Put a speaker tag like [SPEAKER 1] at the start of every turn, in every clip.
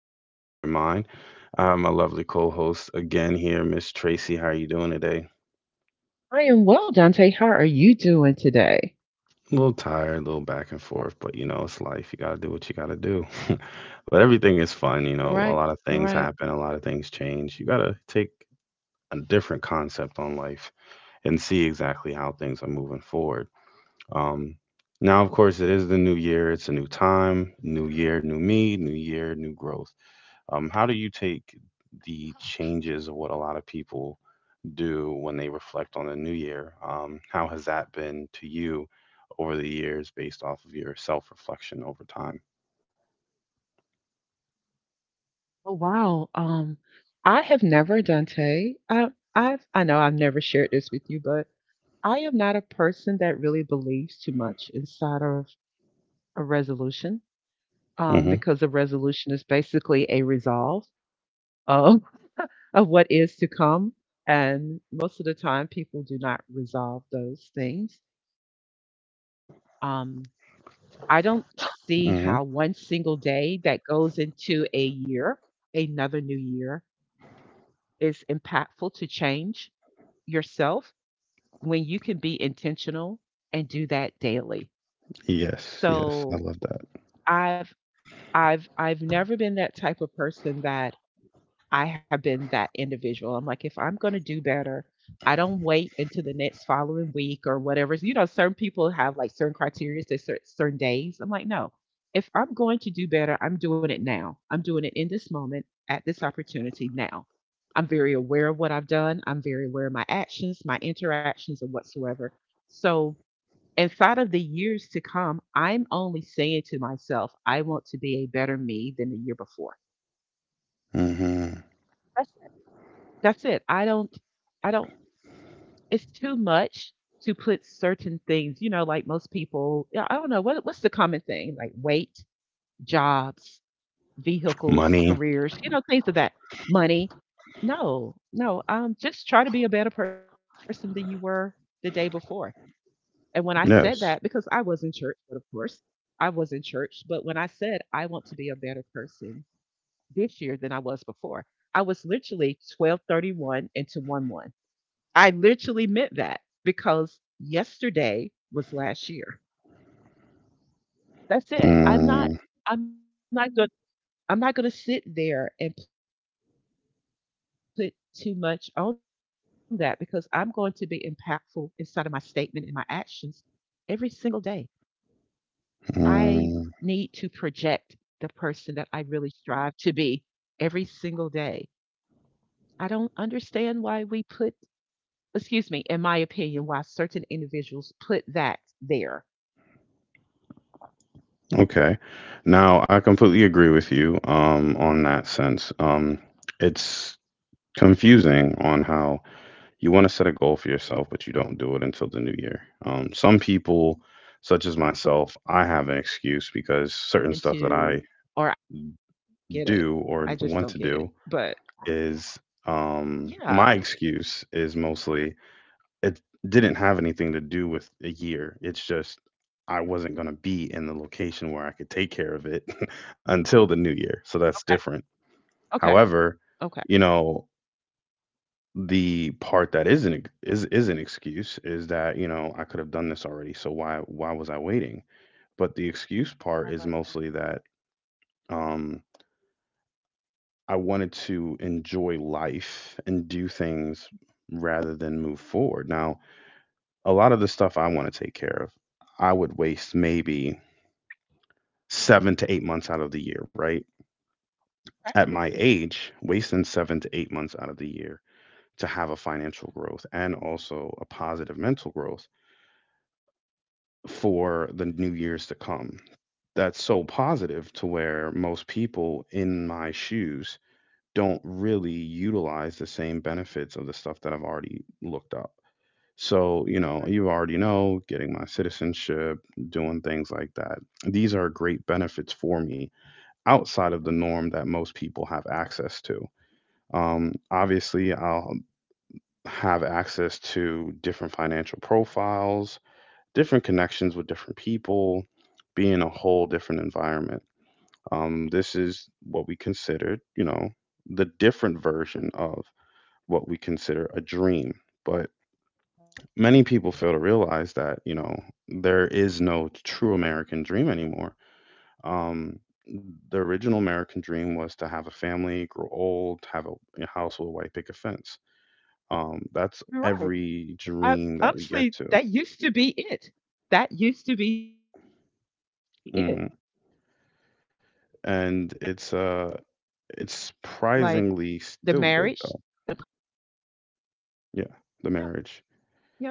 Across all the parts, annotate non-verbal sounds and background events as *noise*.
[SPEAKER 1] and Corey with your mind. I have my lovely co-host again here, Miss Tracy. How are you doing today?
[SPEAKER 2] I am well, Dante. How are you doing today?
[SPEAKER 1] A little tired, a little back and forth, but it's life. You gotta do what you gotta do. *laughs* But everything is
[SPEAKER 2] All
[SPEAKER 1] fun, you
[SPEAKER 2] right,
[SPEAKER 1] know. A
[SPEAKER 2] all
[SPEAKER 1] lot of
[SPEAKER 2] right.
[SPEAKER 1] things happen, a lot of things change. You gotta take a different concept on life and see exactly how things are moving forward. Um, Now, of course, it is the new year. It's a new time, new year, new me, new year, new growth. How do you take the changes of what a lot of people do when they reflect on the new year? How has that been to you over the years based off of your self reflection over time?
[SPEAKER 2] Oh wow. I have never, Dante. I know I've never shared this with you, but I am not a person that really believes too much inside of a resolution.
[SPEAKER 1] Hmm.
[SPEAKER 2] Because a resolution is basically a resolve of *laughs* of what is to come, and most of the time people do not resolve those things. Um, I don't see how one single
[SPEAKER 1] Hmm.
[SPEAKER 2] day that goes into a year, another new year, is impactful to change yourself when you can be intentional and do that daily.
[SPEAKER 1] Yes, yes, I
[SPEAKER 2] So
[SPEAKER 1] love that.
[SPEAKER 2] I've I've never been that type of person that I have been that individual. I'm like, if I'm going to do better, I don't wait until the next following week or whatever. You know, certain people have like certain criteria to certain days. I'm like, no, if I'm going to do better, I'm doing it now. I'm doing it in this moment at this opportunity now. I'm very aware of what I've done. I'm very aware of my actions, my interactions, and whatsoever. So, inside of the years to come, I'm only saying to myself, I want to be a better me than the year before.
[SPEAKER 1] Hmm.
[SPEAKER 2] That's it. I don't it's too much to put certain things, you know, like most people, yeah, I don't know, what's the common thing? Like weight, jobs, vehicles,
[SPEAKER 1] Money.
[SPEAKER 2] careers, things of that. Money. No, no, just try to be a better person than you were the day before. And when I said that, because I
[SPEAKER 1] Yes.
[SPEAKER 2] was in church, but of course I was in church, but when I said I want to be a better person this year than I was before, I was literally 12/31 into 1/1. I literally meant that because yesterday was last year. That's it.
[SPEAKER 1] Mm,
[SPEAKER 2] I'm not going I'm not going to sit there and put too much on that because I'm going to be impactful inside of my statement and my actions every single day. I need to project
[SPEAKER 1] mm.
[SPEAKER 2] the person that I really strive to be every single day. I don't understand why we put, excuse me, in my opinion, why certain individuals put that there, you know, inside of my
[SPEAKER 1] Okay.
[SPEAKER 2] resolution, I'm
[SPEAKER 1] Now, I
[SPEAKER 2] going
[SPEAKER 1] completely agree
[SPEAKER 2] to,
[SPEAKER 1] with you
[SPEAKER 2] or I will
[SPEAKER 1] on
[SPEAKER 2] do,
[SPEAKER 1] that sense.
[SPEAKER 2] and then a week has
[SPEAKER 1] It's
[SPEAKER 2] passed, and then that person is
[SPEAKER 1] confusing
[SPEAKER 2] still the
[SPEAKER 1] on
[SPEAKER 2] same
[SPEAKER 1] how
[SPEAKER 2] individual.
[SPEAKER 1] you want to
[SPEAKER 2] That's
[SPEAKER 1] set a
[SPEAKER 2] to
[SPEAKER 1] goal
[SPEAKER 2] me
[SPEAKER 1] for
[SPEAKER 2] is
[SPEAKER 1] yourself, but you
[SPEAKER 2] stressful.
[SPEAKER 1] don't do it
[SPEAKER 2] I
[SPEAKER 1] until the
[SPEAKER 2] don't
[SPEAKER 1] new
[SPEAKER 2] know.
[SPEAKER 1] year.
[SPEAKER 2] That's just my opinion.
[SPEAKER 1] Some
[SPEAKER 2] What about
[SPEAKER 1] people,
[SPEAKER 2] yourself?
[SPEAKER 1] such as myself, I have an excuse
[SPEAKER 2] Yeah,
[SPEAKER 1] because
[SPEAKER 2] I,
[SPEAKER 1] certain
[SPEAKER 2] j-
[SPEAKER 1] stuff that I
[SPEAKER 2] I
[SPEAKER 1] do
[SPEAKER 2] just don't
[SPEAKER 1] or
[SPEAKER 2] get it.
[SPEAKER 1] want to
[SPEAKER 2] I
[SPEAKER 1] do
[SPEAKER 2] just don't get it. But
[SPEAKER 1] is my
[SPEAKER 2] yeah,
[SPEAKER 1] excuse is mostly it didn't have anything to do with a year. It's just I wasn't going to be in the location where I could take care of it *laughs* until the new year. So that's different.
[SPEAKER 2] okay,
[SPEAKER 1] However,
[SPEAKER 2] okay,
[SPEAKER 1] you
[SPEAKER 2] okay.
[SPEAKER 1] know, the part that is an excuse is that, I could have done this already, so why was I waiting? But the excuse part is
[SPEAKER 2] I
[SPEAKER 1] mostly
[SPEAKER 2] like
[SPEAKER 1] that
[SPEAKER 2] that.
[SPEAKER 1] um I wanted to enjoy life and do things rather than move forward. Now, a lot of the stuff I want to take care of, I would waste maybe 7 to 8 months out of the year, right? At my
[SPEAKER 2] Okay,
[SPEAKER 1] age, wasting 7 to 8 months out of the year to have a financial growth and also a positive mental growth for the new years to come. That's so positive to where most people in my shoes don't really utilize the same benefits of the stuff that I've already looked up. So, you already know getting my citizenship, doing things like that. These are great benefits for me outside of the norm that most people have access to. Obviously, I'll have access to different financial profiles, different connections with different people, be in a whole different environment. This is what we considered, the different version of what we consider a dream. But many people fail to realize that, there is no true American dream anymore. Um, the original American dream was to have a family, grow old, have a house with a white picket fence.
[SPEAKER 2] you're
[SPEAKER 1] That's
[SPEAKER 2] right.
[SPEAKER 1] every
[SPEAKER 2] I,
[SPEAKER 1] dream that we
[SPEAKER 2] honestly,
[SPEAKER 1] get
[SPEAKER 2] that
[SPEAKER 1] to.
[SPEAKER 2] used to be it. That used to be truly it. Like
[SPEAKER 1] Hmm.
[SPEAKER 2] the marriage, the dog, and
[SPEAKER 1] And it's
[SPEAKER 2] 1.0
[SPEAKER 1] uh
[SPEAKER 2] card.
[SPEAKER 1] It's
[SPEAKER 2] That's it.
[SPEAKER 1] surprisingly still good though.
[SPEAKER 2] Yeah.
[SPEAKER 1] Yeah, the
[SPEAKER 2] Yeah.
[SPEAKER 1] marriage.
[SPEAKER 2] I,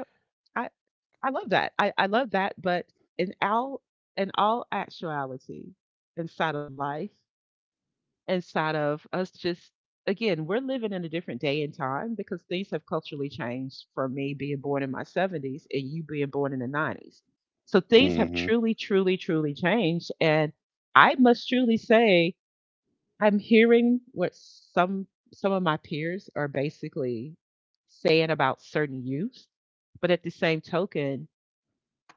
[SPEAKER 2] I love that. I love that. But in all, in all actuality, inside of life, inside of us just, again, we're living in a different day and time because things have culturally changed from me being born in my 70s and you being born in the 90s. So things
[SPEAKER 1] Mm.
[SPEAKER 2] have
[SPEAKER 1] Mhm.
[SPEAKER 2] truly, truly, truly changed. And I must truly say, I'm hearing what some some of my peers are basically saying about certain youth, but at the same token,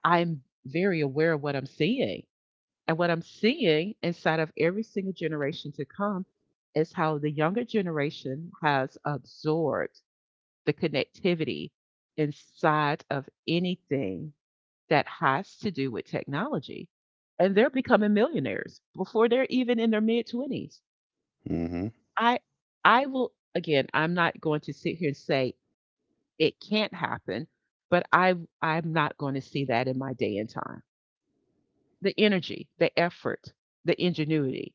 [SPEAKER 2] I'm very aware of what I'm seeing. And what I'm seeing inside of every single generation to come is how the younger generation has absorbed the connectivity inside of anything that has to do with technology. And they're becoming millionaires before they're even in their mid 20s.
[SPEAKER 1] Mm. Mhm.
[SPEAKER 2] I I will, again, I'm not going to sit here and say it can't happen, but I'm not going to see that in my day and time. The energy, the effort, the ingenuity,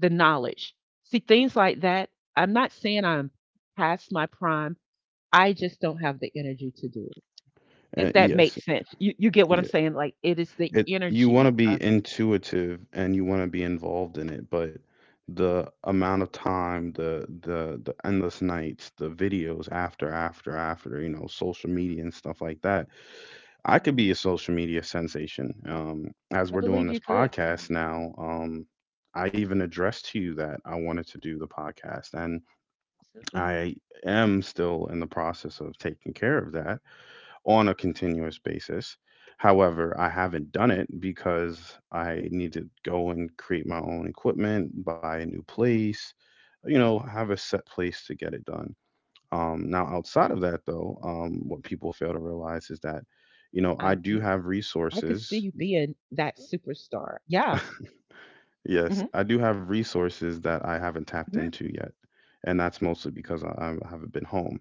[SPEAKER 2] the knowledge. See, things like that. I'm not saying I'm past my prime. I just don't have the energy to do it. If
[SPEAKER 1] And
[SPEAKER 2] that
[SPEAKER 1] yes.
[SPEAKER 2] makes sense. You get what I'm
[SPEAKER 1] Yeah.
[SPEAKER 2] saying? Like, it is the
[SPEAKER 1] It You want to
[SPEAKER 2] energy.
[SPEAKER 1] be intuitive and you want to be involved in it, but the amount of time, the endless nights, the videos after after after, social media and stuff like that. I could
[SPEAKER 2] Mm,
[SPEAKER 1] be a social media sensation. As
[SPEAKER 2] I
[SPEAKER 1] we're doing
[SPEAKER 2] believe you
[SPEAKER 1] this
[SPEAKER 2] could.
[SPEAKER 1] podcast now, I even addressed to you that I wanted to do the podcast and
[SPEAKER 2] Absolutely.
[SPEAKER 1] I am still in the process of taking care of that on a continuous basis. However, I haven't done it because I need to go and create my own equipment, buy a new
[SPEAKER 2] And I
[SPEAKER 1] place,
[SPEAKER 2] do see that
[SPEAKER 1] have a
[SPEAKER 2] happening.
[SPEAKER 1] set
[SPEAKER 2] I
[SPEAKER 1] place to get it done.
[SPEAKER 2] really, really
[SPEAKER 1] Now,
[SPEAKER 2] do.
[SPEAKER 1] outside of that,
[SPEAKER 2] I
[SPEAKER 1] though,
[SPEAKER 2] could see you
[SPEAKER 1] what people
[SPEAKER 2] being
[SPEAKER 1] fail to
[SPEAKER 2] that
[SPEAKER 1] realize is that,
[SPEAKER 2] superstar. I,
[SPEAKER 1] I do have
[SPEAKER 2] yeah.
[SPEAKER 1] resources.
[SPEAKER 2] Hmm.
[SPEAKER 1] *laughs* Yes, I
[SPEAKER 2] Hmm.
[SPEAKER 1] do have resources that I haven't tapped into yet. And that's mostly because I haven't been home.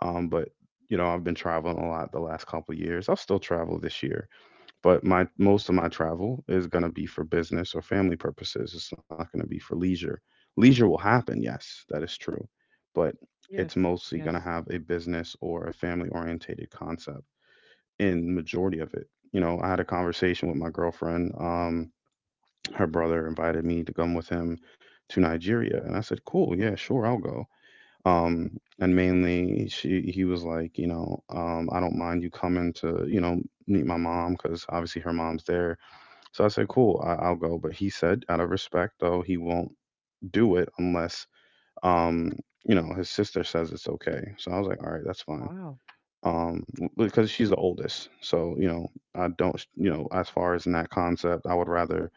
[SPEAKER 1] But I've been traveling a lot the last couple of years. I'll still travel this year, but my most of my travel is going to be for business or family purposes. It's not going to be for leisure. Leisure will happen, yes, that is true, but
[SPEAKER 2] Yes.
[SPEAKER 1] it's
[SPEAKER 2] Yes.
[SPEAKER 1] mostly going to have a business or a family orientated concept in majority of it. I had a conversation with my girlfriend. Her brother invited me to come with him to Nigeria, and I said, "Cool, yeah, sure, I'll go." um and mainly she he was like, I don't mind you coming to meet my mom because obviously her mom's there. So I said, cool, I'll go. But he said out of respect though, he won't do it unless um his sister says it's okay. So I was like, all right, that's fine.
[SPEAKER 2] Wow.
[SPEAKER 1] Because she's the oldest, so I don't, as far as in that concept, I would rather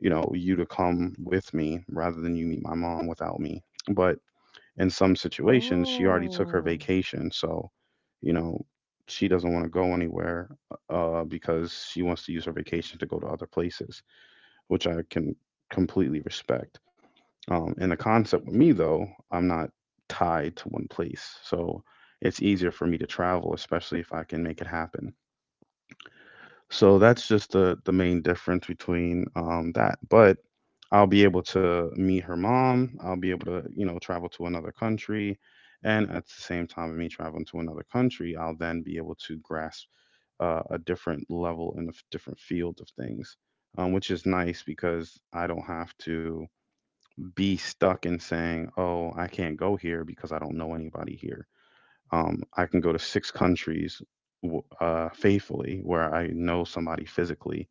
[SPEAKER 1] you know you to come with me rather than you meet my mom without me. But in some situations, she already took her
[SPEAKER 2] Oh,
[SPEAKER 1] vacation, so you know she doesn't want to go anywhere because she wants to use her vacation to go to other places, which I can completely respect. And the
[SPEAKER 2] me
[SPEAKER 1] concept with me
[SPEAKER 2] too.
[SPEAKER 1] though, I'm not tied to one place, so it's easier for me to travel, especially if I can make it happen. So that's just the main difference between that. But I'll be able to meet her mom. I'll be able to, travel to another country. And at the same time of me traveling to another country, I'll then be able to grasp a different level and different field of things, which is nice because I don't have to be stuck in saying, oh, I can't go here because I don't know anybody here. I can go to six countries faithfully where I know somebody physically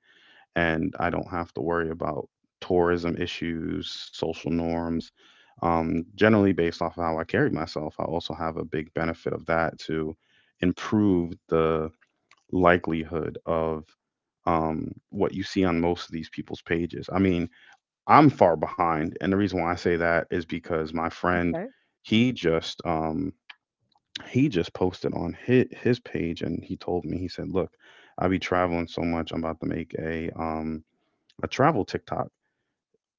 [SPEAKER 1] and I don't have to worry about tourism issues, social norms. Generally, based off of how I carry myself, I also have a big benefit of that to improve the likelihood of what you see on most of these people's pages. I mean, I'm far behind, and the reason why I say that is because my friend,
[SPEAKER 2] Okay.
[SPEAKER 1] he just um, he just posted on his page, and he told me he said, "Look, I be traveling so much, I'm about to make a travel TikTok.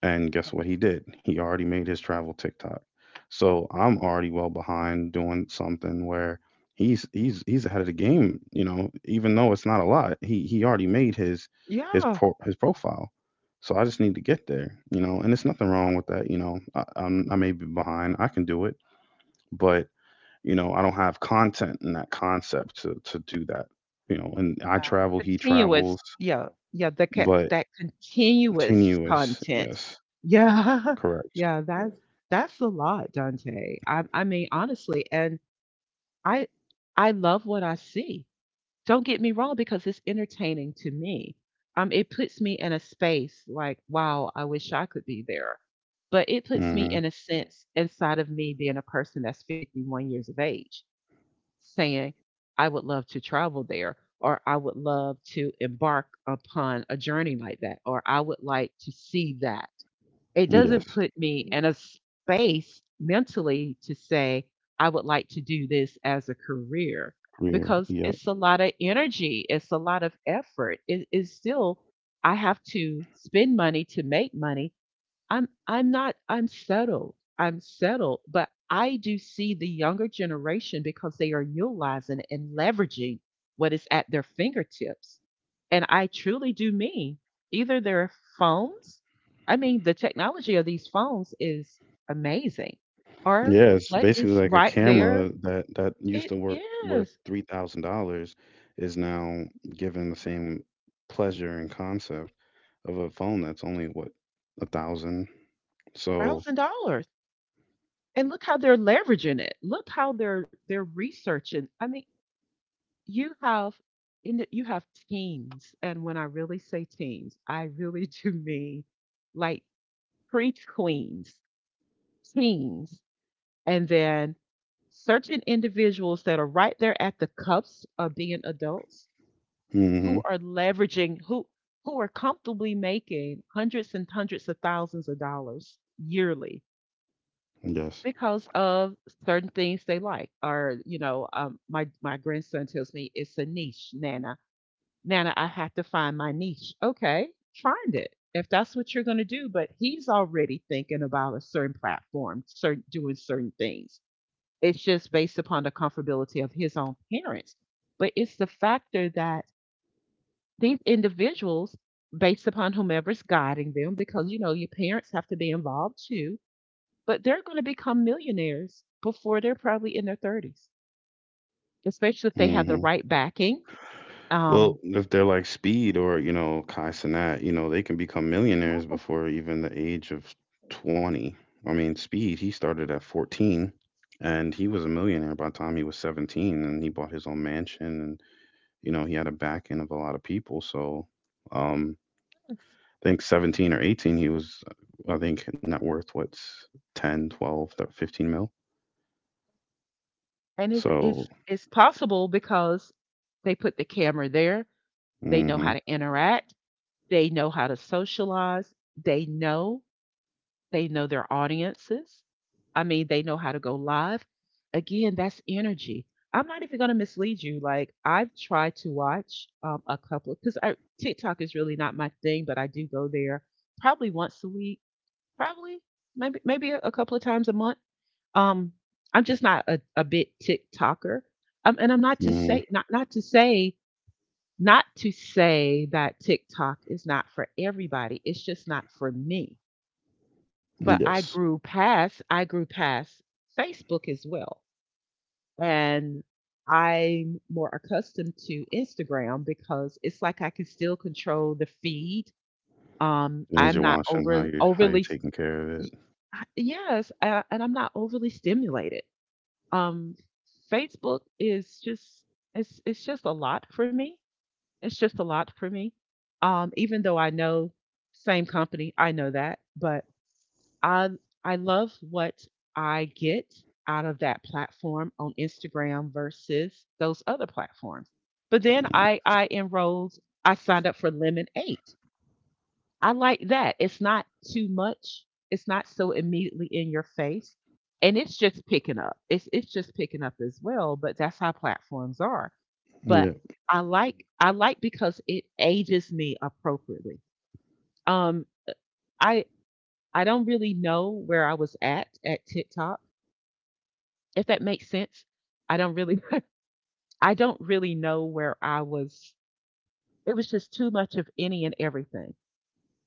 [SPEAKER 1] And guess what he did? He already made his travel TikTok. So I'm already well behind doing something where he's ahead of the game, even though it's not a lot. He already made his his
[SPEAKER 2] Yeah.
[SPEAKER 1] pro, his profile. So I just need to get there, and there's nothing wrong with that. I may be behind. I can do it, but I don't have content in that concept to do that. And I
[SPEAKER 2] Yeah,
[SPEAKER 1] travel, he
[SPEAKER 2] continuous.
[SPEAKER 1] travels,
[SPEAKER 2] Yeah, yeah. The ca-
[SPEAKER 1] but
[SPEAKER 2] that continuous
[SPEAKER 1] tenuous.
[SPEAKER 2] content.
[SPEAKER 1] Yes,
[SPEAKER 2] Yeah,
[SPEAKER 1] correct.
[SPEAKER 2] *laughs* yeah, that's a lot, Dante. I mean, honestly, and I I love what I see. Don't get me wrong, because it's entertaining to me. It puts me in a space like, wow, I wish I could be there. But it puts me
[SPEAKER 1] Hmm.
[SPEAKER 2] in a sense inside of me being a person that's 51 years of age saying, I would love to travel there, or I would love to embark upon a journey like that, or I would like to see that. It doesn't
[SPEAKER 1] Yes,
[SPEAKER 2] put me in a space mentally to say, I would like to do this as a career
[SPEAKER 1] rear.
[SPEAKER 2] because
[SPEAKER 1] Yep.
[SPEAKER 2] it's a lot of energy, it's a lot of effort. It is still, I have to spend money to make money. I'm not unsettled. I'm settled, but I do see the younger generation, because they are utilizing and leveraging what is at their fingertips. And I truly do mean either their phones, I mean the technology of these phones is amazing, or
[SPEAKER 1] Yeah, it's
[SPEAKER 2] what
[SPEAKER 1] basically
[SPEAKER 2] is
[SPEAKER 1] like a
[SPEAKER 2] right there.
[SPEAKER 1] camera that used to
[SPEAKER 2] It
[SPEAKER 1] work worth
[SPEAKER 2] is
[SPEAKER 1] $3,000 is now given the same pleasure and concept of a phone that's only what, a thousand. So,
[SPEAKER 2] thousand dollars. And look how they're leveraging it. Look how they're researching. I mean, You have you have teens, and when I really say teens, I really *laughs* do mean, like, pre-tweens, teens, and then certain individuals that are right there at the cuffs of being adults,
[SPEAKER 1] hmm.
[SPEAKER 2] who are leveraging, who are comfortably making hundreds and hundreds of thousands of dollars yearly
[SPEAKER 1] Yes.
[SPEAKER 2] because of certain things they like, or my grandson tells me it's a niche, Nana. Nana, I have to find my niche. Okay, find it if that's what you're going to do. But he's already thinking about a certain platform, certain, doing certain things. It's just based upon the comfortability of his own parents. But it's the factor that these individuals, based upon whomever's guiding them, because you know your parents have to be involved too. But they're going to become millionaires before they're probably in their 30s, especially if they have the
[SPEAKER 1] Mm-hmm.
[SPEAKER 2] right backing. Um,
[SPEAKER 1] Well, if they're like Speed or, Kai Cenat, they can become millionaires before even the age of 20. I mean, Speed, he started at 14 and he was a millionaire by the time he was 17 and he bought his own mansion and, he had a back end of a lot of people. So, um, I think 17 or 18, he was, I think, net worth what's 10, 12, 15 mil.
[SPEAKER 2] And it's
[SPEAKER 1] So,
[SPEAKER 2] it's it's possible because they put the camera there. They know
[SPEAKER 1] mm-hmm,
[SPEAKER 2] how to interact. They know how to socialize. They know they know their audiences. I mean, they know how to go live. Again, that's energy. I'm not even going to mislead you. Like, I've tried to watch a couple, because I TikTok is really not my thing, but I do go there probably once a week, probably maybe a couple of times a month. Um, I'm just not a big TikToker. And I'm not to
[SPEAKER 1] mm-hmm,
[SPEAKER 2] say not to say, not to say that TikTok is not for everybody. It's just not for me. But
[SPEAKER 1] yes.
[SPEAKER 2] I grew past Facebook as well. And I'm more accustomed to Instagram, because it's like I can still control the feed.
[SPEAKER 1] Things
[SPEAKER 2] I'm
[SPEAKER 1] you're
[SPEAKER 2] not
[SPEAKER 1] watching,
[SPEAKER 2] over
[SPEAKER 1] how you're
[SPEAKER 2] overly
[SPEAKER 1] taking care of it.
[SPEAKER 2] y- yes. And I'm not overly stimulated. Um, Facebook is just it's just a lot for me. It's just a lot for me. Even though I know, same company, I know that, but I I love what I get out of that platform on Instagram versus those other platforms. But then I enrolled, I signed up for Lemon Lemon8. I like that. It's not too much. It's not so immediately in your face. And it's just picking up. It's just picking up as well, but that's how platforms are. But
[SPEAKER 1] Mm.
[SPEAKER 2] I like because it ages me appropriately. Um I I don't really know where I was at TikTok, if that makes sense. I don't really *laughs* I don't really know where I was. It was just too much of any and everything.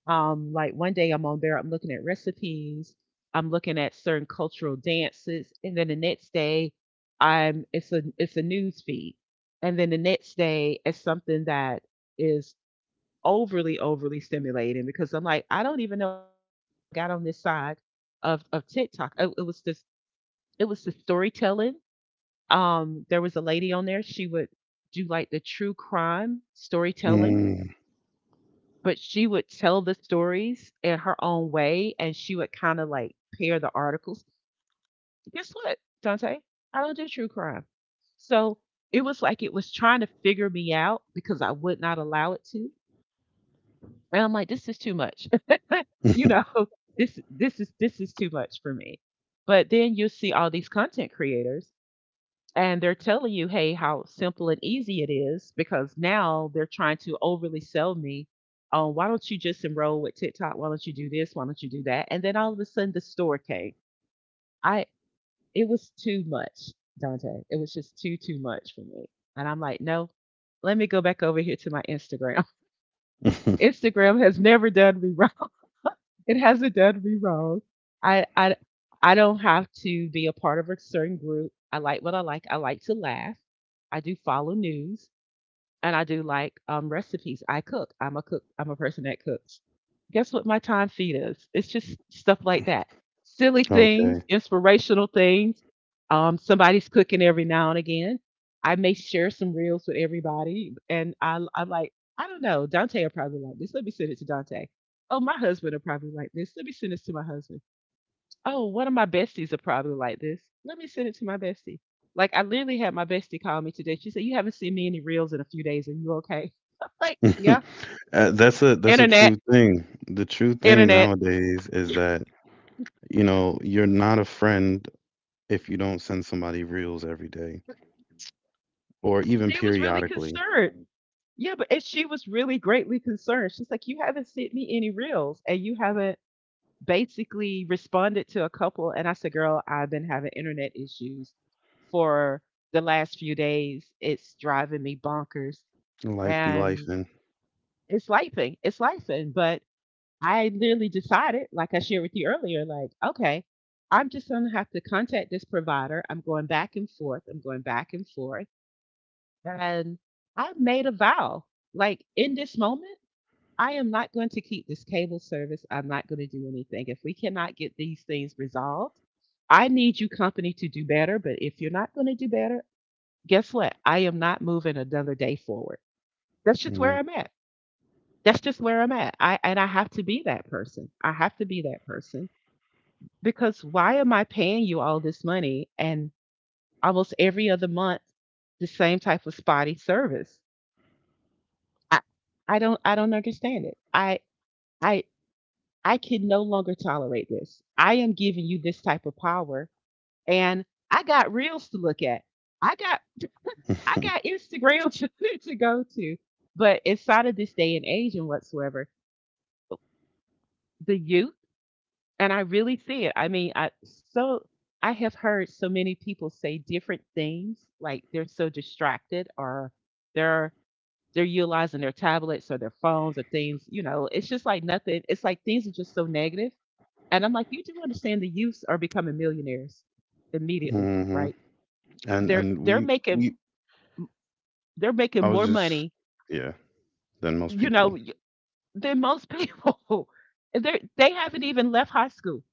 [SPEAKER 2] Like, one day I'm on there, I'm looking at recipes, I'm looking at certain cultural dances, and then the next day, I'm it's a news feed, and then the next day it's something that is overly stimulating, because I'm like, I don't even know how I got on this side of TikTok. It was the storytelling. There was a lady on there. She would do, like, the true crime storytelling,
[SPEAKER 1] Mm.
[SPEAKER 2] but she would tell the stories in her own way, and she would kinda, like, pair the articles. Guess what, Dante? I don't do true crime. So, it was like it was trying to figure me out, because I would not allow it to, and I'm like, "This is too much." *laughs* You know?
[SPEAKER 1] *laughs*
[SPEAKER 2] This is too much for me. But then you'll see all these content creators and they're telling you, hey, how simple and easy it is because now they're trying to overly sell me. Oh, why don't you just enroll with TikTok? Why don't you do this? Why don't you do that? And then all of a sudden, the store came. I It was too much, Dante. It was just too much for me. And I'm like, no, let me go back over here to my Instagram. *laughs* Instagram has never done me wrong. *laughs* It hasn't done me wrong. I I I don't have to be a part of a certain group. I like what I like. I like to laugh. I do follow news. And I do like recipes. I cook. I'm a cook. I'm a person that cooks. Guess what my time feed is? It's just stuff like that. Silly
[SPEAKER 1] Okay.
[SPEAKER 2] things, inspirational things. Somebody's cooking every now and again. I may share some reels with everybody, and I'm like, I don't know. Dante will probably like this. Let me send it to Dante. Oh, my husband will probably like this. Let me send this to my husband. Oh, one of my besties are probably like this. Let me send it to my bestie. Like I literally had my bestie call me today. She said, you haven't seen me any reels in a few days. Are you okay? *laughs* I'm like, yeah.
[SPEAKER 1] *laughs* That's a
[SPEAKER 2] Internet,
[SPEAKER 1] true thing. The true thing
[SPEAKER 2] internet.
[SPEAKER 1] nowadays
[SPEAKER 2] *laughs*
[SPEAKER 1] is
[SPEAKER 2] Yeah,
[SPEAKER 1] that, you're not a friend if you don't send somebody reels every day or even
[SPEAKER 2] she was really
[SPEAKER 1] periodically.
[SPEAKER 2] concerned. Yeah, but and she was really greatly concerned. She's like, you haven't sent me any reels and you haven't basically responded to a couple. And I said, girl, I've been having internet issues for the last few days. It's driving me bonkers.
[SPEAKER 1] Life be life
[SPEAKER 2] And
[SPEAKER 1] and
[SPEAKER 2] it's lifing. It's lifing. But I literally decided, like I shared with you earlier, like, okay, I'm just going to have to contact this provider. I'm going back and forth. I'm going back and forth. And I made a vow. Like, in this moment, I am not going to keep this cable service. I'm not going to do anything. If we cannot get these things resolved, I need you, company, to do better. But if you're not going to do better, guess what? I am not moving another day forward. That's just where
[SPEAKER 1] hmm.
[SPEAKER 2] I'm at, that's just where I'm at. I And I have to be that person. I have to be that person because why am I paying you all this money and almost every other month the same type of spotty service? I I don't, I don't understand it. I I can no longer tolerate this. I am giving you this type of power and I got reels to look at. I got I got
[SPEAKER 1] *laughs*
[SPEAKER 2] Instagram *laughs* to go to. But inside of this day and age and whatsoever, the youth, and I really see it. I mean, I so I have heard so many people say different things, like they're so distracted or they're they're utilizing their tablets or their phones or things, you know, it's just like nothing. It's like things are just so negative. And I'm like, you do understand the youths are becoming millionaires immediately,
[SPEAKER 1] Hmm.
[SPEAKER 2] right?
[SPEAKER 1] And
[SPEAKER 2] They're
[SPEAKER 1] and
[SPEAKER 2] they're
[SPEAKER 1] we
[SPEAKER 2] making
[SPEAKER 1] we
[SPEAKER 2] they're making
[SPEAKER 1] I was
[SPEAKER 2] more
[SPEAKER 1] just,
[SPEAKER 2] money,
[SPEAKER 1] yeah, than most
[SPEAKER 2] you know,
[SPEAKER 1] people.
[SPEAKER 2] than most people. *laughs* And they have not even left high school.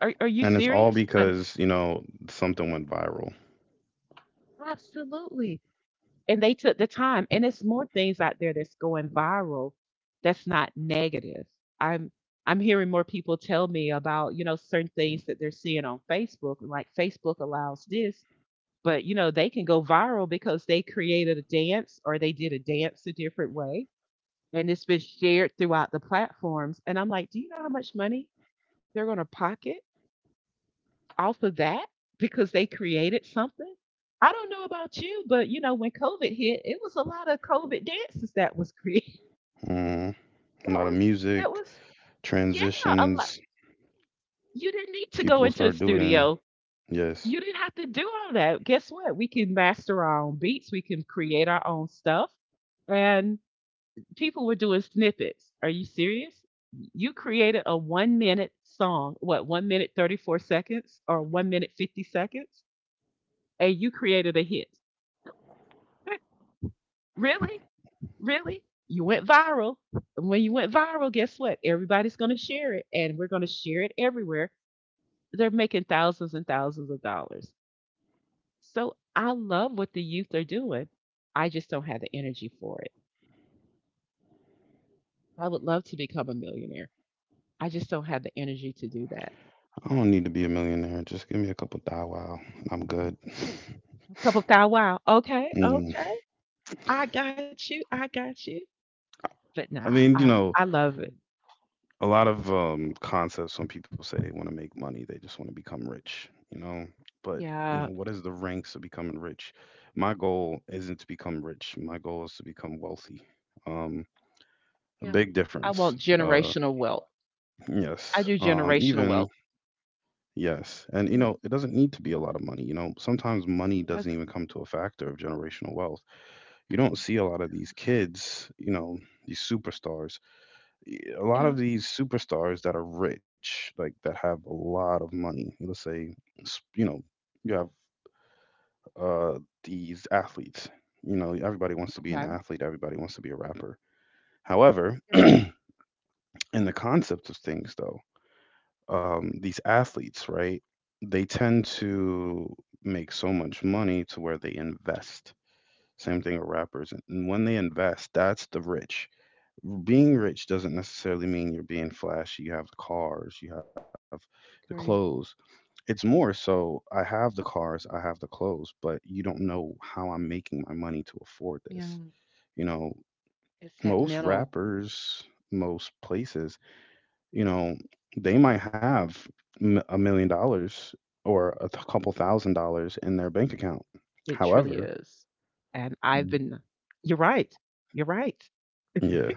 [SPEAKER 2] Are you
[SPEAKER 1] And it's all
[SPEAKER 2] serious? But
[SPEAKER 1] because, something went viral.
[SPEAKER 2] absolutely. And they took the time. And it's more things out there that's going viral that's not negative. I'm I'm hearing more people tell me about, you know, certain things that they're seeing on Facebook, like Facebook allows this, but you know, they can go viral because they created a dance or they did a dance a different way. And it's been shared throughout the platforms. And I'm like, do you know how much money they're gonna pocket off of that because they created something. I don't know about you, but you know when COVID hit, it was a lot of COVID dances that was created. *laughs*
[SPEAKER 1] Mm. A
[SPEAKER 2] That
[SPEAKER 1] lot of
[SPEAKER 2] was that
[SPEAKER 1] music,
[SPEAKER 2] was yeah, a lot.
[SPEAKER 1] transitions,
[SPEAKER 2] You didn't need to
[SPEAKER 1] people
[SPEAKER 2] go into a
[SPEAKER 1] start doing.
[SPEAKER 2] studio.
[SPEAKER 1] Yes.
[SPEAKER 2] You didn't have to do all that. Guess what? We can master our own beats. We can create our own stuff. And people were doing snippets. Are you serious? You created a 1 minute song, what, 1 minute 34 seconds or 1 minute 50 seconds, and you created a hit. *laughs* Really? Really? You went viral. And when you went viral, guess what? Everybody's going to share it, and we're going to share it everywhere. They're making thousands and thousands of dollars. So I love what the youth are doing. I just don't have the energy for it. I would love to become a millionaire. I just don't have the energy to do that.
[SPEAKER 1] I don't need to be a millionaire. Just give me a couple Bow Wow. And I'm good. *laughs*
[SPEAKER 2] A couple thou wow. Okay,
[SPEAKER 1] Mm.
[SPEAKER 2] okay. I got you. I got you. But nah,
[SPEAKER 1] I mean,
[SPEAKER 2] I love it.
[SPEAKER 1] a lot of concepts when people say they want to make money, they just want to become rich. But,
[SPEAKER 2] Yeah.
[SPEAKER 1] what is the ranks of becoming rich? My goal isn't to become rich. My goal is to become wealthy. Um, a
[SPEAKER 2] Yeah.
[SPEAKER 1] big
[SPEAKER 2] I
[SPEAKER 1] difference.
[SPEAKER 2] want
[SPEAKER 1] Uh,
[SPEAKER 2] generational wealth. I
[SPEAKER 1] yes.
[SPEAKER 2] do generational
[SPEAKER 1] Even,
[SPEAKER 2] wealth.
[SPEAKER 1] yes. And, it doesn't need to be a lot of money. Sometimes money
[SPEAKER 2] Mm.
[SPEAKER 1] doesn't even come to a factor of generational wealth. You don't
[SPEAKER 2] It's
[SPEAKER 1] see a
[SPEAKER 2] true,
[SPEAKER 1] lot of
[SPEAKER 2] it
[SPEAKER 1] these
[SPEAKER 2] surely
[SPEAKER 1] kids, these superstars. A
[SPEAKER 2] does.
[SPEAKER 1] lot
[SPEAKER 2] Mm. Yeah,
[SPEAKER 1] of these superstars that are rich, like that have a lot of money. Let's say, s- you know, you have these athletes. Everybody wants to be an
[SPEAKER 2] okay.
[SPEAKER 1] athlete. Everybody wants to be a rapper. However,
[SPEAKER 2] Yeah,
[SPEAKER 1] in the concept of things, though, these athletes, right? They tend to make so much money to where they invest. Same thing with rappers. And when they invest, that's the rich. Being rich doesn't necessarily mean you're being flashy. You have the cars, you have the
[SPEAKER 2] I
[SPEAKER 1] clothes.
[SPEAKER 2] agree.
[SPEAKER 1] It's more so I have the cars, I have the clothes, but you don't know how I'm making my money to afford
[SPEAKER 2] Yeah,
[SPEAKER 1] this. You know,
[SPEAKER 2] it's that
[SPEAKER 1] most
[SPEAKER 2] mental.
[SPEAKER 1] rappers,
[SPEAKER 2] It is
[SPEAKER 1] most
[SPEAKER 2] truly that
[SPEAKER 1] places,
[SPEAKER 2] mental
[SPEAKER 1] you
[SPEAKER 2] aspect of
[SPEAKER 1] know,
[SPEAKER 2] things.
[SPEAKER 1] they might
[SPEAKER 2] I
[SPEAKER 1] have
[SPEAKER 2] completely
[SPEAKER 1] a
[SPEAKER 2] agree with
[SPEAKER 1] million
[SPEAKER 2] you.
[SPEAKER 1] dollars or a
[SPEAKER 2] It
[SPEAKER 1] couple
[SPEAKER 2] truly
[SPEAKER 1] thousand
[SPEAKER 2] is.
[SPEAKER 1] dollars in their bank
[SPEAKER 2] And
[SPEAKER 1] account.
[SPEAKER 2] I've been,
[SPEAKER 1] However,
[SPEAKER 2] you're right. You're right. *laughs* You're
[SPEAKER 1] yeah.
[SPEAKER 2] right.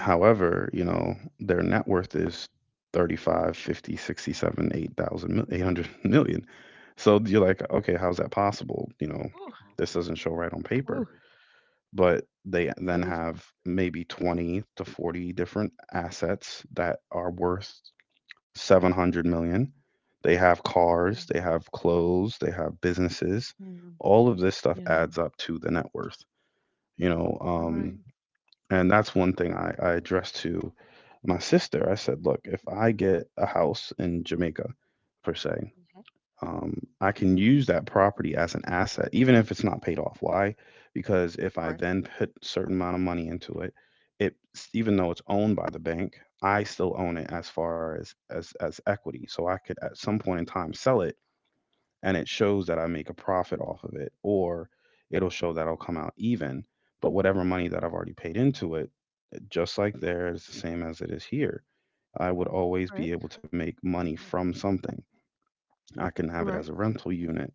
[SPEAKER 1] However, their net worth is 35, 50, 60, seven, 50, 8,000, 800 *laughs* million. So you're like, okay, how's that possible?
[SPEAKER 2] Ooh,
[SPEAKER 1] This doesn't show right on
[SPEAKER 2] ooh,
[SPEAKER 1] paper. But
[SPEAKER 2] I
[SPEAKER 1] they
[SPEAKER 2] was,
[SPEAKER 1] then have maybe 20 to 40 different assets that are worth 700 million. They have
[SPEAKER 2] yeah,
[SPEAKER 1] cars, they have clothes, they have businesses.
[SPEAKER 2] yeah,
[SPEAKER 1] All of this stuff
[SPEAKER 2] yeah,
[SPEAKER 1] adds up to the net worth. You know,
[SPEAKER 2] you're right.
[SPEAKER 1] um, and that's one thing I addressed to my sister. I said, look, if I get a house in Jamaica, per se,
[SPEAKER 2] Mhm.
[SPEAKER 1] um, I can use that property as an asset, even if it's not paid off. Why? Because if I
[SPEAKER 2] Correct,
[SPEAKER 1] then put certain amount of money into it even though it's owned by the bank, I still own it as far as equity. So I could at some point in time sell it, and it shows that I make a profit off of it, or it'll show that I'll come out even. But whatever money that I've already paid into it, just like there, it's the same as it is here. I would always be
[SPEAKER 2] correct.
[SPEAKER 1] able to make money from something. I can have
[SPEAKER 2] You're
[SPEAKER 1] it as
[SPEAKER 2] right.
[SPEAKER 1] a rental unit.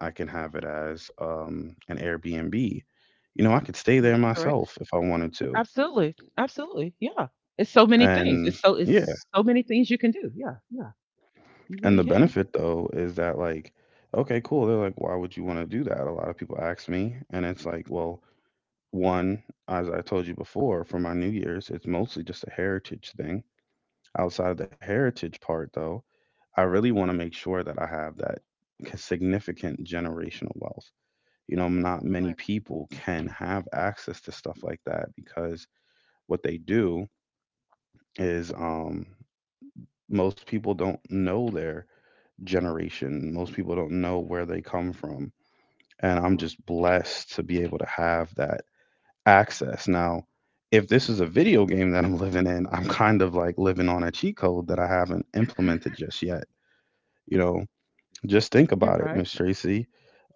[SPEAKER 1] I can have it as an Airbnb. I could stay there
[SPEAKER 2] You're correct.
[SPEAKER 1] myself if I wanted to.
[SPEAKER 2] Absolutely, absolutely, yeah. It's so many things.
[SPEAKER 1] And yeah,
[SPEAKER 2] It's so many things you can do. Yeah, yeah, you
[SPEAKER 1] and
[SPEAKER 2] really
[SPEAKER 1] the
[SPEAKER 2] can.
[SPEAKER 1] benefit though is that, like, okay, cool. They're like, why would you want to do that? A lot of people ask me, and it's like, well, one, as I told you before, for my New Year's, it's mostly just a heritage thing. Outside of the heritage part, though, I really want to make sure that I have that significant generational wealth. Not many
[SPEAKER 2] Right,
[SPEAKER 1] people can have access to stuff like that because what they do is most people don't know their generation, most people don't know where they come from. And I'm
[SPEAKER 2] correct.
[SPEAKER 1] just blessed to be able to have that access. Now, if this is a video game that I'm living in, I'm kind of like living on a cheat code that I haven't implemented just yet. You know, Just think
[SPEAKER 2] You're
[SPEAKER 1] about it,
[SPEAKER 2] right.
[SPEAKER 1] Miss Tracy.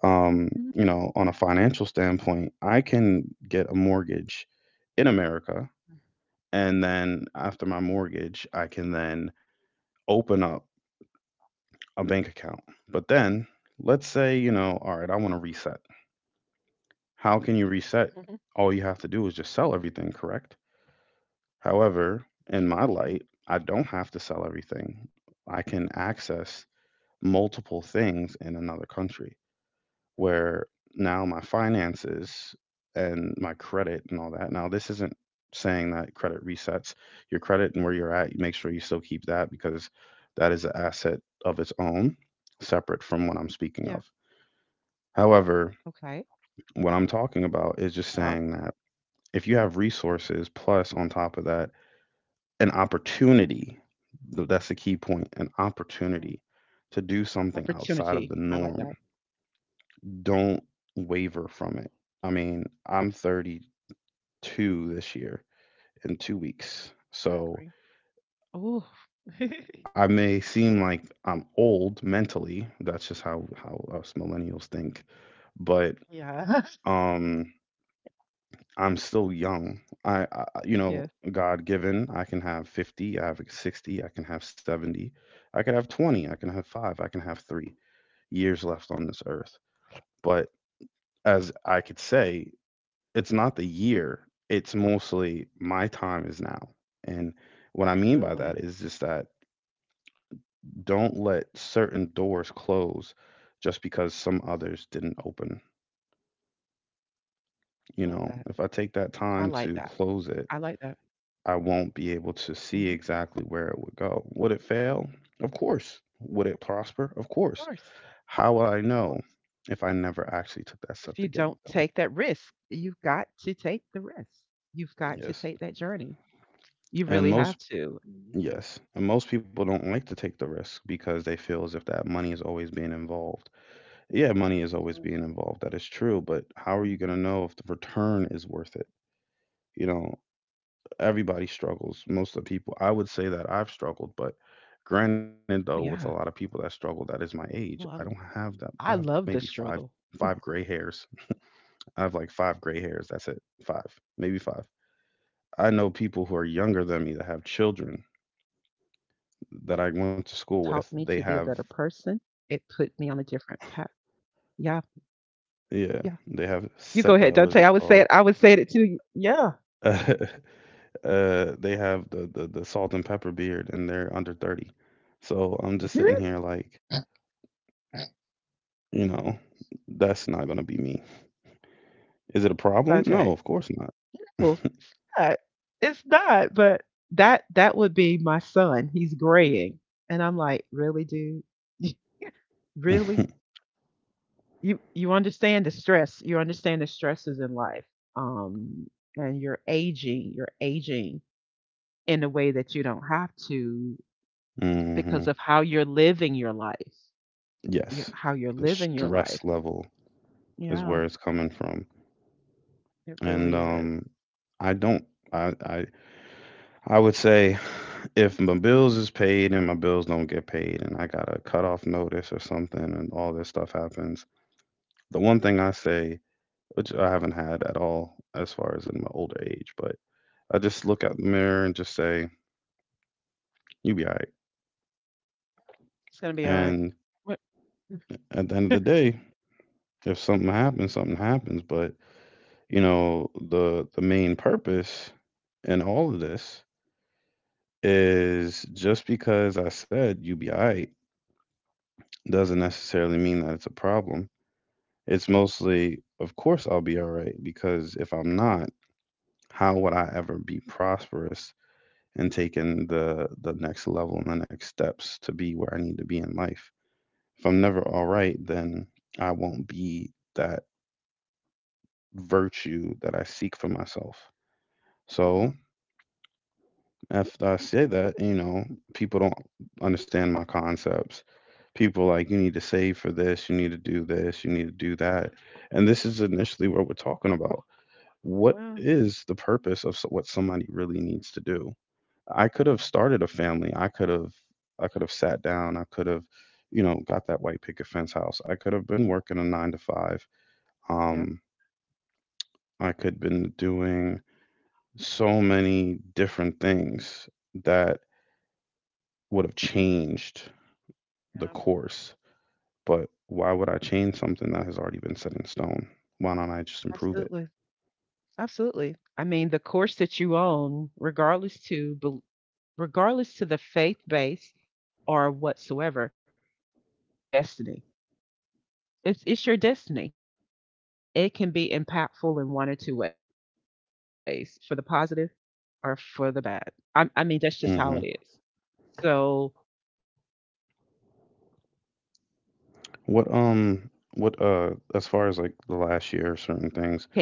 [SPEAKER 1] Um,
[SPEAKER 2] Mhm.
[SPEAKER 1] on a financial standpoint, I can get a mortgage in America,
[SPEAKER 2] Mm.
[SPEAKER 1] and then after my mortgage, I can then open up a bank account. But then, let's say, all right, I want to reset.
[SPEAKER 2] Mhm.
[SPEAKER 1] How can you reset? All you have to do is just sell everything, correct?
[SPEAKER 2] Surely
[SPEAKER 1] However,
[SPEAKER 2] can.
[SPEAKER 1] in my light, I don't have to sell everything. I can access multiple things in another country, where now my finances and my credit and all that. Now, this isn't saying that credit resets your credit and where you're at. You make sure
[SPEAKER 2] Yep.
[SPEAKER 1] you still keep that, because
[SPEAKER 2] Yeah.
[SPEAKER 1] that is an asset of its own,
[SPEAKER 2] Okay.
[SPEAKER 1] separate from what I'm speaking of.
[SPEAKER 2] Yeah.
[SPEAKER 1] However, what I'm talking about is just saying that if you have resources, plus on top of that, an opportunity. That's the key
[SPEAKER 2] Mm.
[SPEAKER 1] point. An opportunity to do
[SPEAKER 2] Opportunity. I
[SPEAKER 1] something
[SPEAKER 2] like that.
[SPEAKER 1] outside of the norm. Don't waver from it. I mean, I'm 32 this year in two
[SPEAKER 2] I
[SPEAKER 1] weeks.
[SPEAKER 2] agree.
[SPEAKER 1] So
[SPEAKER 2] Oh. *laughs*
[SPEAKER 1] I may seem like I'm old mentally. That's just how us millennials think. But
[SPEAKER 2] Yeah. *laughs*
[SPEAKER 1] um, I'm still young. I, I, you
[SPEAKER 2] Yeah.
[SPEAKER 1] know, God given, I can have 50, I have 60, I can have 70, I could have 20, I can have five, I can have 3 years left on this earth. But as I could say, it's not the year. It's mostly my time is now. And what I mean by that
[SPEAKER 2] Absolutely.
[SPEAKER 1] is just that don't let certain doors close just because some others didn't open.
[SPEAKER 2] Love that.
[SPEAKER 1] You know,
[SPEAKER 2] I
[SPEAKER 1] if
[SPEAKER 2] like
[SPEAKER 1] I
[SPEAKER 2] that.
[SPEAKER 1] take that time
[SPEAKER 2] I like
[SPEAKER 1] to
[SPEAKER 2] that.
[SPEAKER 1] close it, I won't
[SPEAKER 2] Mhm.
[SPEAKER 1] be able to see exactly where it would go. Would it fail? Of course. Would it
[SPEAKER 2] Of
[SPEAKER 1] prosper?
[SPEAKER 2] course,
[SPEAKER 1] Of course.
[SPEAKER 2] of
[SPEAKER 1] How will
[SPEAKER 2] course.
[SPEAKER 1] I know if I never
[SPEAKER 2] If you
[SPEAKER 1] actually took
[SPEAKER 2] don't
[SPEAKER 1] that step to
[SPEAKER 2] take
[SPEAKER 1] get
[SPEAKER 2] that
[SPEAKER 1] it done?
[SPEAKER 2] risk, you've got to take the risk. You've got to take that
[SPEAKER 1] Yes.
[SPEAKER 2] journey. You really
[SPEAKER 1] And
[SPEAKER 2] have
[SPEAKER 1] most
[SPEAKER 2] to. Mhm.
[SPEAKER 1] Yes, and most people don't like to take the risk because they feel as if that money is always being involved. Yeah, money is always being involved. That is true, but how are you going
[SPEAKER 2] Mhm.
[SPEAKER 1] to know if the return is worth it? You know,
[SPEAKER 2] Right.
[SPEAKER 1] everybody struggles. Most of the people, I would say that I've struggled, but granted though, with a
[SPEAKER 2] Oh
[SPEAKER 1] lot of
[SPEAKER 2] yeah.
[SPEAKER 1] people that struggle that is my age, I don't
[SPEAKER 2] Well,
[SPEAKER 1] have that. I have
[SPEAKER 2] I
[SPEAKER 1] maybe
[SPEAKER 2] love the
[SPEAKER 1] five
[SPEAKER 2] struggle.
[SPEAKER 1] five gray hairs. I
[SPEAKER 2] I
[SPEAKER 1] have like five
[SPEAKER 2] I
[SPEAKER 1] gray hairs. That's it.
[SPEAKER 2] literally
[SPEAKER 1] Five,
[SPEAKER 2] love the
[SPEAKER 1] maybe five.
[SPEAKER 2] struggle. I
[SPEAKER 1] I
[SPEAKER 2] really
[SPEAKER 1] know
[SPEAKER 2] did.
[SPEAKER 1] people who are younger than me that have
[SPEAKER 2] It
[SPEAKER 1] children
[SPEAKER 2] taught me to be a better person.
[SPEAKER 1] that I went to
[SPEAKER 2] It
[SPEAKER 1] school
[SPEAKER 2] put
[SPEAKER 1] with.
[SPEAKER 2] me on
[SPEAKER 1] They
[SPEAKER 2] a
[SPEAKER 1] have
[SPEAKER 2] different path. Yeah. Yeah. You go
[SPEAKER 1] Yeah,
[SPEAKER 2] ahead, Dante.
[SPEAKER 1] they
[SPEAKER 2] I
[SPEAKER 1] have
[SPEAKER 2] would say it. I
[SPEAKER 1] sep
[SPEAKER 2] would
[SPEAKER 1] what
[SPEAKER 2] say
[SPEAKER 1] is it
[SPEAKER 2] it
[SPEAKER 1] called?
[SPEAKER 2] too. Yeah.
[SPEAKER 1] *laughs* They have the salt and pepper beard, and they're under 30. So I'm just
[SPEAKER 2] *laughs*
[SPEAKER 1] sitting here like, you know, that's not gonna be me. Is it a problem?
[SPEAKER 2] Okay.
[SPEAKER 1] No, of course
[SPEAKER 2] No, not it's not, but that would be my son. He's graying. And I'm like, "Really, dude? *laughs* Really?
[SPEAKER 1] not.
[SPEAKER 2] You understand the stress. You understand the stresses in life. Um and you're aging in a way that you don't have to
[SPEAKER 1] *laughs* hmm
[SPEAKER 2] because of how you're living your life. You
[SPEAKER 1] Yes,
[SPEAKER 2] how you're
[SPEAKER 1] the
[SPEAKER 2] living your
[SPEAKER 1] stress
[SPEAKER 2] life.
[SPEAKER 1] level is
[SPEAKER 2] Yeah,
[SPEAKER 1] where it's coming from,
[SPEAKER 2] it
[SPEAKER 1] and
[SPEAKER 2] really is.
[SPEAKER 1] I don't. I I I would say, if my bills is paid and my bills don't get paid and I got a cutoff notice or something and all this stuff happens, the one thing I say, which I haven't had at all as far as in my older age, but I just look at the mirror and just say, you be all right.
[SPEAKER 2] It's going to be all
[SPEAKER 1] And
[SPEAKER 2] right. *laughs*
[SPEAKER 1] at the end of the day, if something happens, something happens. But, the main purpose in all of this is, just because I said you be all right, doesn't necessarily mean that it's a problem. It's mostly, of course, I'll be all right because if I'm not, how would I ever be prosperous and taking the next level and the next steps to be where I need to be in life. If I'm never all right, then I won't be that virtue that I seek for myself. So
[SPEAKER 2] Yeah,
[SPEAKER 1] after I say that, people don't understand my concepts. People are like, you need to save for this, you need to do this, you need to do that. And this is initially what we're talking about. What
[SPEAKER 2] well,
[SPEAKER 1] is the purpose of what somebody really needs to do? I could have started a family. I could have sat down. I could have, got that white picket fence house. I could have been working a 9 to 5.
[SPEAKER 2] yeah,
[SPEAKER 1] Um I could have been doing so many different things that would have changed the
[SPEAKER 2] yeah,
[SPEAKER 1] course. But why would I change something that has already been set in stone? Why don't I just improve it?
[SPEAKER 2] absolutely. Absolutely. I mean, the course that you own, regardless to the faith base or whatsoever, it's your destiny. It's your destiny. It, and it can be impactful in one or two ways, for the positive or for the bad. I mean, that's just how it is.
[SPEAKER 1] Mhm.
[SPEAKER 2] So, do you choose success or do you choose failure? And
[SPEAKER 1] What
[SPEAKER 2] how
[SPEAKER 1] um what
[SPEAKER 2] can you
[SPEAKER 1] uh as
[SPEAKER 2] fail?
[SPEAKER 1] far as like
[SPEAKER 2] We
[SPEAKER 1] the
[SPEAKER 2] already
[SPEAKER 1] last
[SPEAKER 2] know
[SPEAKER 1] year
[SPEAKER 2] poor
[SPEAKER 1] certain things.
[SPEAKER 2] choices.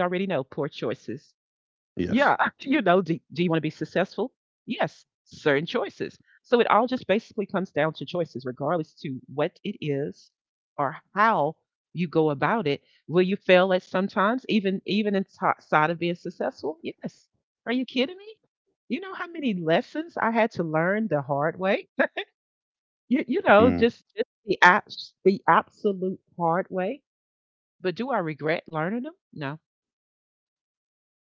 [SPEAKER 2] Yeah, *laughs* you know, do you want to be
[SPEAKER 1] Yes.
[SPEAKER 2] successful? Yes, certain choices. So it all just basically comes down to choices, regardless to what it is or how you go about it. Will you fail at sometimes, even inside of being successful? Yes. Are you kidding me? You know how many lessons I had to learn the hard way? *laughs* You know,
[SPEAKER 1] Mm,
[SPEAKER 2] just the the absolute hard way. But do I regret learning them? No.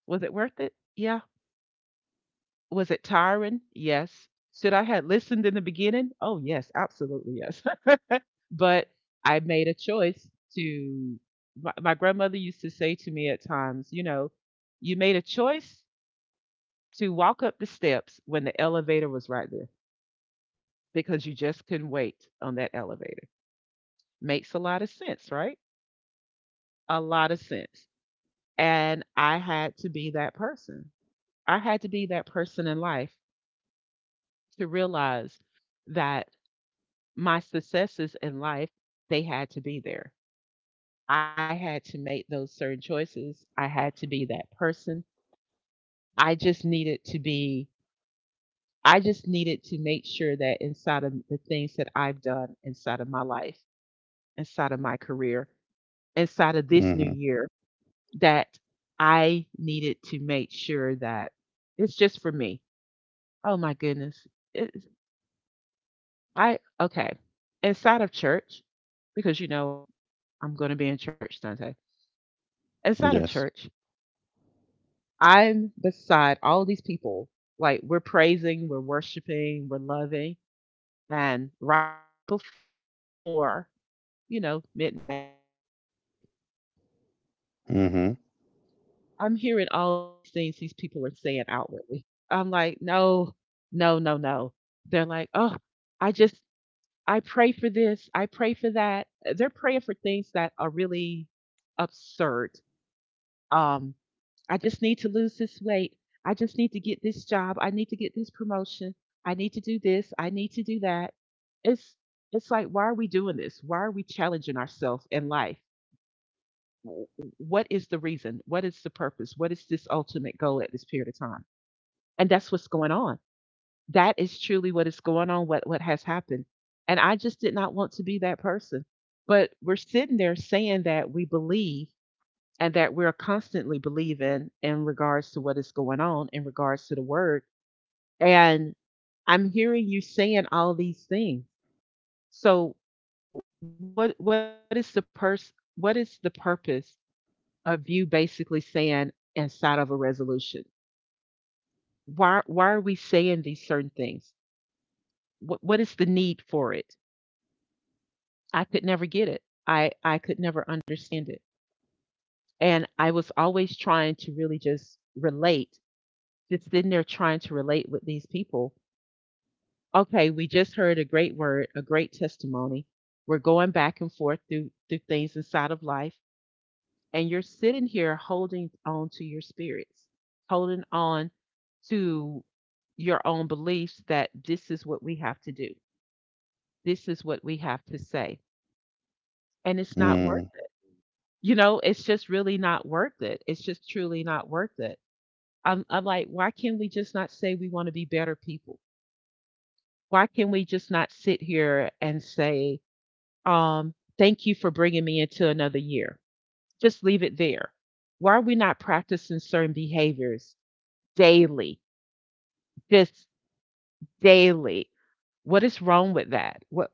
[SPEAKER 2] Was it worth it? Yeah. Was it tiring? Yes. Should I have listened in the beginning? Oh, yes, absolutely, yes. *laughs* But I made a choice to, my grandmother used to say to me at times, you know, you made a choice to walk up the steps when the elevator was right there because you just couldn't wait on that elevator. Makes a lot of sense, right? A lot of sense. And I had to be that person. I had to be that person in life to realize that my successes in life, they had to be there. I had to make those certain choices. I had to be that person. I just needed to be, I just needed to make sure that inside of the things that I've done inside of my life, inside of my career, inside of this
[SPEAKER 1] mhm.
[SPEAKER 2] new year, that I needed to make sure that it's just for me. Oh my goodness. It's, okay. Inside of church, because you know, I'm going to be in church Sunday, inside of
[SPEAKER 1] Yes.
[SPEAKER 2] church, I'm beside all these people. Like we're praising, we're worshiping, we're loving. And right before, you know, midnight, I'm hearing all these things these people are
[SPEAKER 1] Mm-hmm.
[SPEAKER 2] saying outwardly. I'm like, no, no, no, no. They're like, oh, I just, I pray for this, I pray for that. They're praying for things that are really absurd. Um, I just need to lose this weight. I just need to get this job. I need to get this promotion. I need to do this. I need to do that. It's it's like, why are we doing this? Why are we challenging ourselves in life? W- What is the reason? What is the purpose? What is this ultimate goal at this period of time? And that's what's going on. That is truly what is going on, what has happened. And I just did not want to be that person. But we're sitting there saying that we believe and that we're constantly believing in regards to what is going on in regards to the word, and I'm hearing you saying all these things. So what is the what is the purpose of you basically saying inside of a resolution, why are we saying these certain things? What is the need for it? I could never get it. I could never understand it. And I was always trying to really just relate, just sitting there trying to relate with these people. Okay, we just heard a great word, a great testimony. We're going back and forth through things inside of life, and you're sitting here holding on to your spirits, holding on to your own beliefs that this is what we have to do. This is what we have to say. And it's not worth
[SPEAKER 1] Mm,
[SPEAKER 2] it. You know, it's just really not worth it. It's just truly not worth it. I'm like, why can't we just not say we want to be better people? Why can we just not sit here and say, um, thank you for bringing me into another year? Just leave it there. Why are we not practicing certain behaviors daily? Just daily. What is wrong with that? What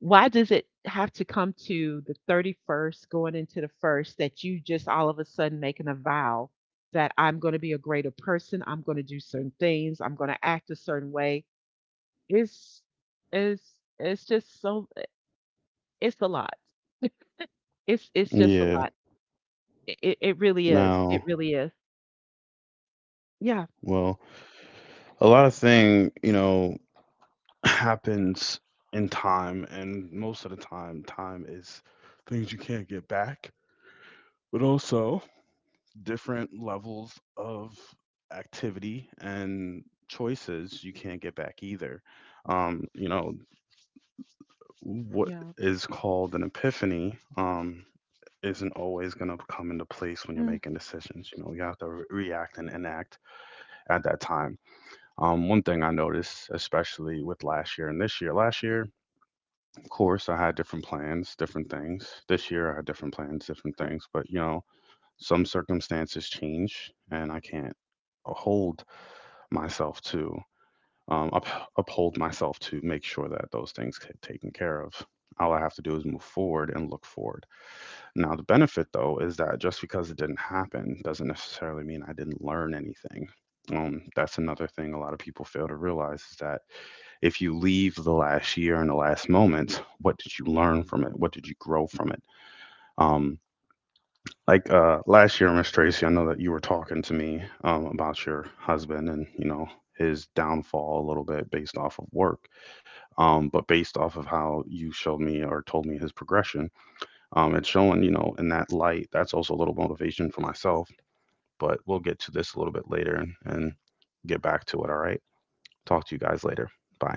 [SPEAKER 2] Why does it have to come to the 31st going into the first that you just all of a sudden making a vow that I'm going to be a greater person, I'm going to do certain things, I'm going to act a certain way? It's it's just so, it's a lot. It's just a
[SPEAKER 1] yeah.
[SPEAKER 2] lot. I It it really is,
[SPEAKER 1] Now,
[SPEAKER 2] it really is. Yeah.
[SPEAKER 1] well, a lot of thing, *clears throat* *sighs* happens in time, and most of the time, time
[SPEAKER 2] Yeah,
[SPEAKER 1] is things you can't get back, but
[SPEAKER 2] mhm.
[SPEAKER 1] also different levels of
[SPEAKER 2] Yeah.
[SPEAKER 1] activity and choices you can't get back either. Um, you
[SPEAKER 2] Yeah.
[SPEAKER 1] know, what is called an epiphany,
[SPEAKER 2] Mm,
[SPEAKER 1] isn't always going to come into place when you're making decisions. You have to react and enact at that time. One thing I noticed, especially with last year and this year: last year, of course, I had different plans, different things. This year, I had different
[SPEAKER 2] okay,
[SPEAKER 1] plans, different things. But, some circumstances change and I can't
[SPEAKER 2] yeah.
[SPEAKER 1] hold myself to, um, up,
[SPEAKER 2] Okay.
[SPEAKER 1] uphold myself to make sure that those things get taken care of. All I have to do is move forward and look
[SPEAKER 2] Mhm.
[SPEAKER 1] forward. Now, the benefit, though, is that just because it didn't happen doesn't necessarily mean I
[SPEAKER 2] Okay.
[SPEAKER 1] didn't learn anything. That's another thing a lot of people
[SPEAKER 2] Oh,
[SPEAKER 1] fail to
[SPEAKER 2] wow,
[SPEAKER 1] realize is that if you leave the last year and the last
[SPEAKER 2] inside of
[SPEAKER 1] moments,
[SPEAKER 2] doing
[SPEAKER 1] what
[SPEAKER 2] that,
[SPEAKER 1] did you learn
[SPEAKER 2] I
[SPEAKER 1] from it? What did you
[SPEAKER 2] understand with those
[SPEAKER 1] grow from
[SPEAKER 2] certain
[SPEAKER 1] it?
[SPEAKER 2] things. You know,
[SPEAKER 1] Um,
[SPEAKER 2] we
[SPEAKER 1] like
[SPEAKER 2] all
[SPEAKER 1] uh,
[SPEAKER 2] make our
[SPEAKER 1] last year, Miss
[SPEAKER 2] choices,
[SPEAKER 1] Tracy, I know that
[SPEAKER 2] we
[SPEAKER 1] you were
[SPEAKER 2] all have
[SPEAKER 1] talking
[SPEAKER 2] our
[SPEAKER 1] to
[SPEAKER 2] own
[SPEAKER 1] me
[SPEAKER 2] belief
[SPEAKER 1] about
[SPEAKER 2] systems,
[SPEAKER 1] your
[SPEAKER 2] and
[SPEAKER 1] husband
[SPEAKER 2] we
[SPEAKER 1] and you
[SPEAKER 2] do
[SPEAKER 1] know
[SPEAKER 2] have to make
[SPEAKER 1] his
[SPEAKER 2] sure that we're
[SPEAKER 1] downfall a little bit
[SPEAKER 2] functioning and
[SPEAKER 1] based
[SPEAKER 2] doing
[SPEAKER 1] off of
[SPEAKER 2] things
[SPEAKER 1] work, but based off of how you showed me or told me his progression, it's showing in that light. That's also a little motivation for myself. But we'll get to this a little bit later and get back to it. All right. Talk to you guys later. Bye.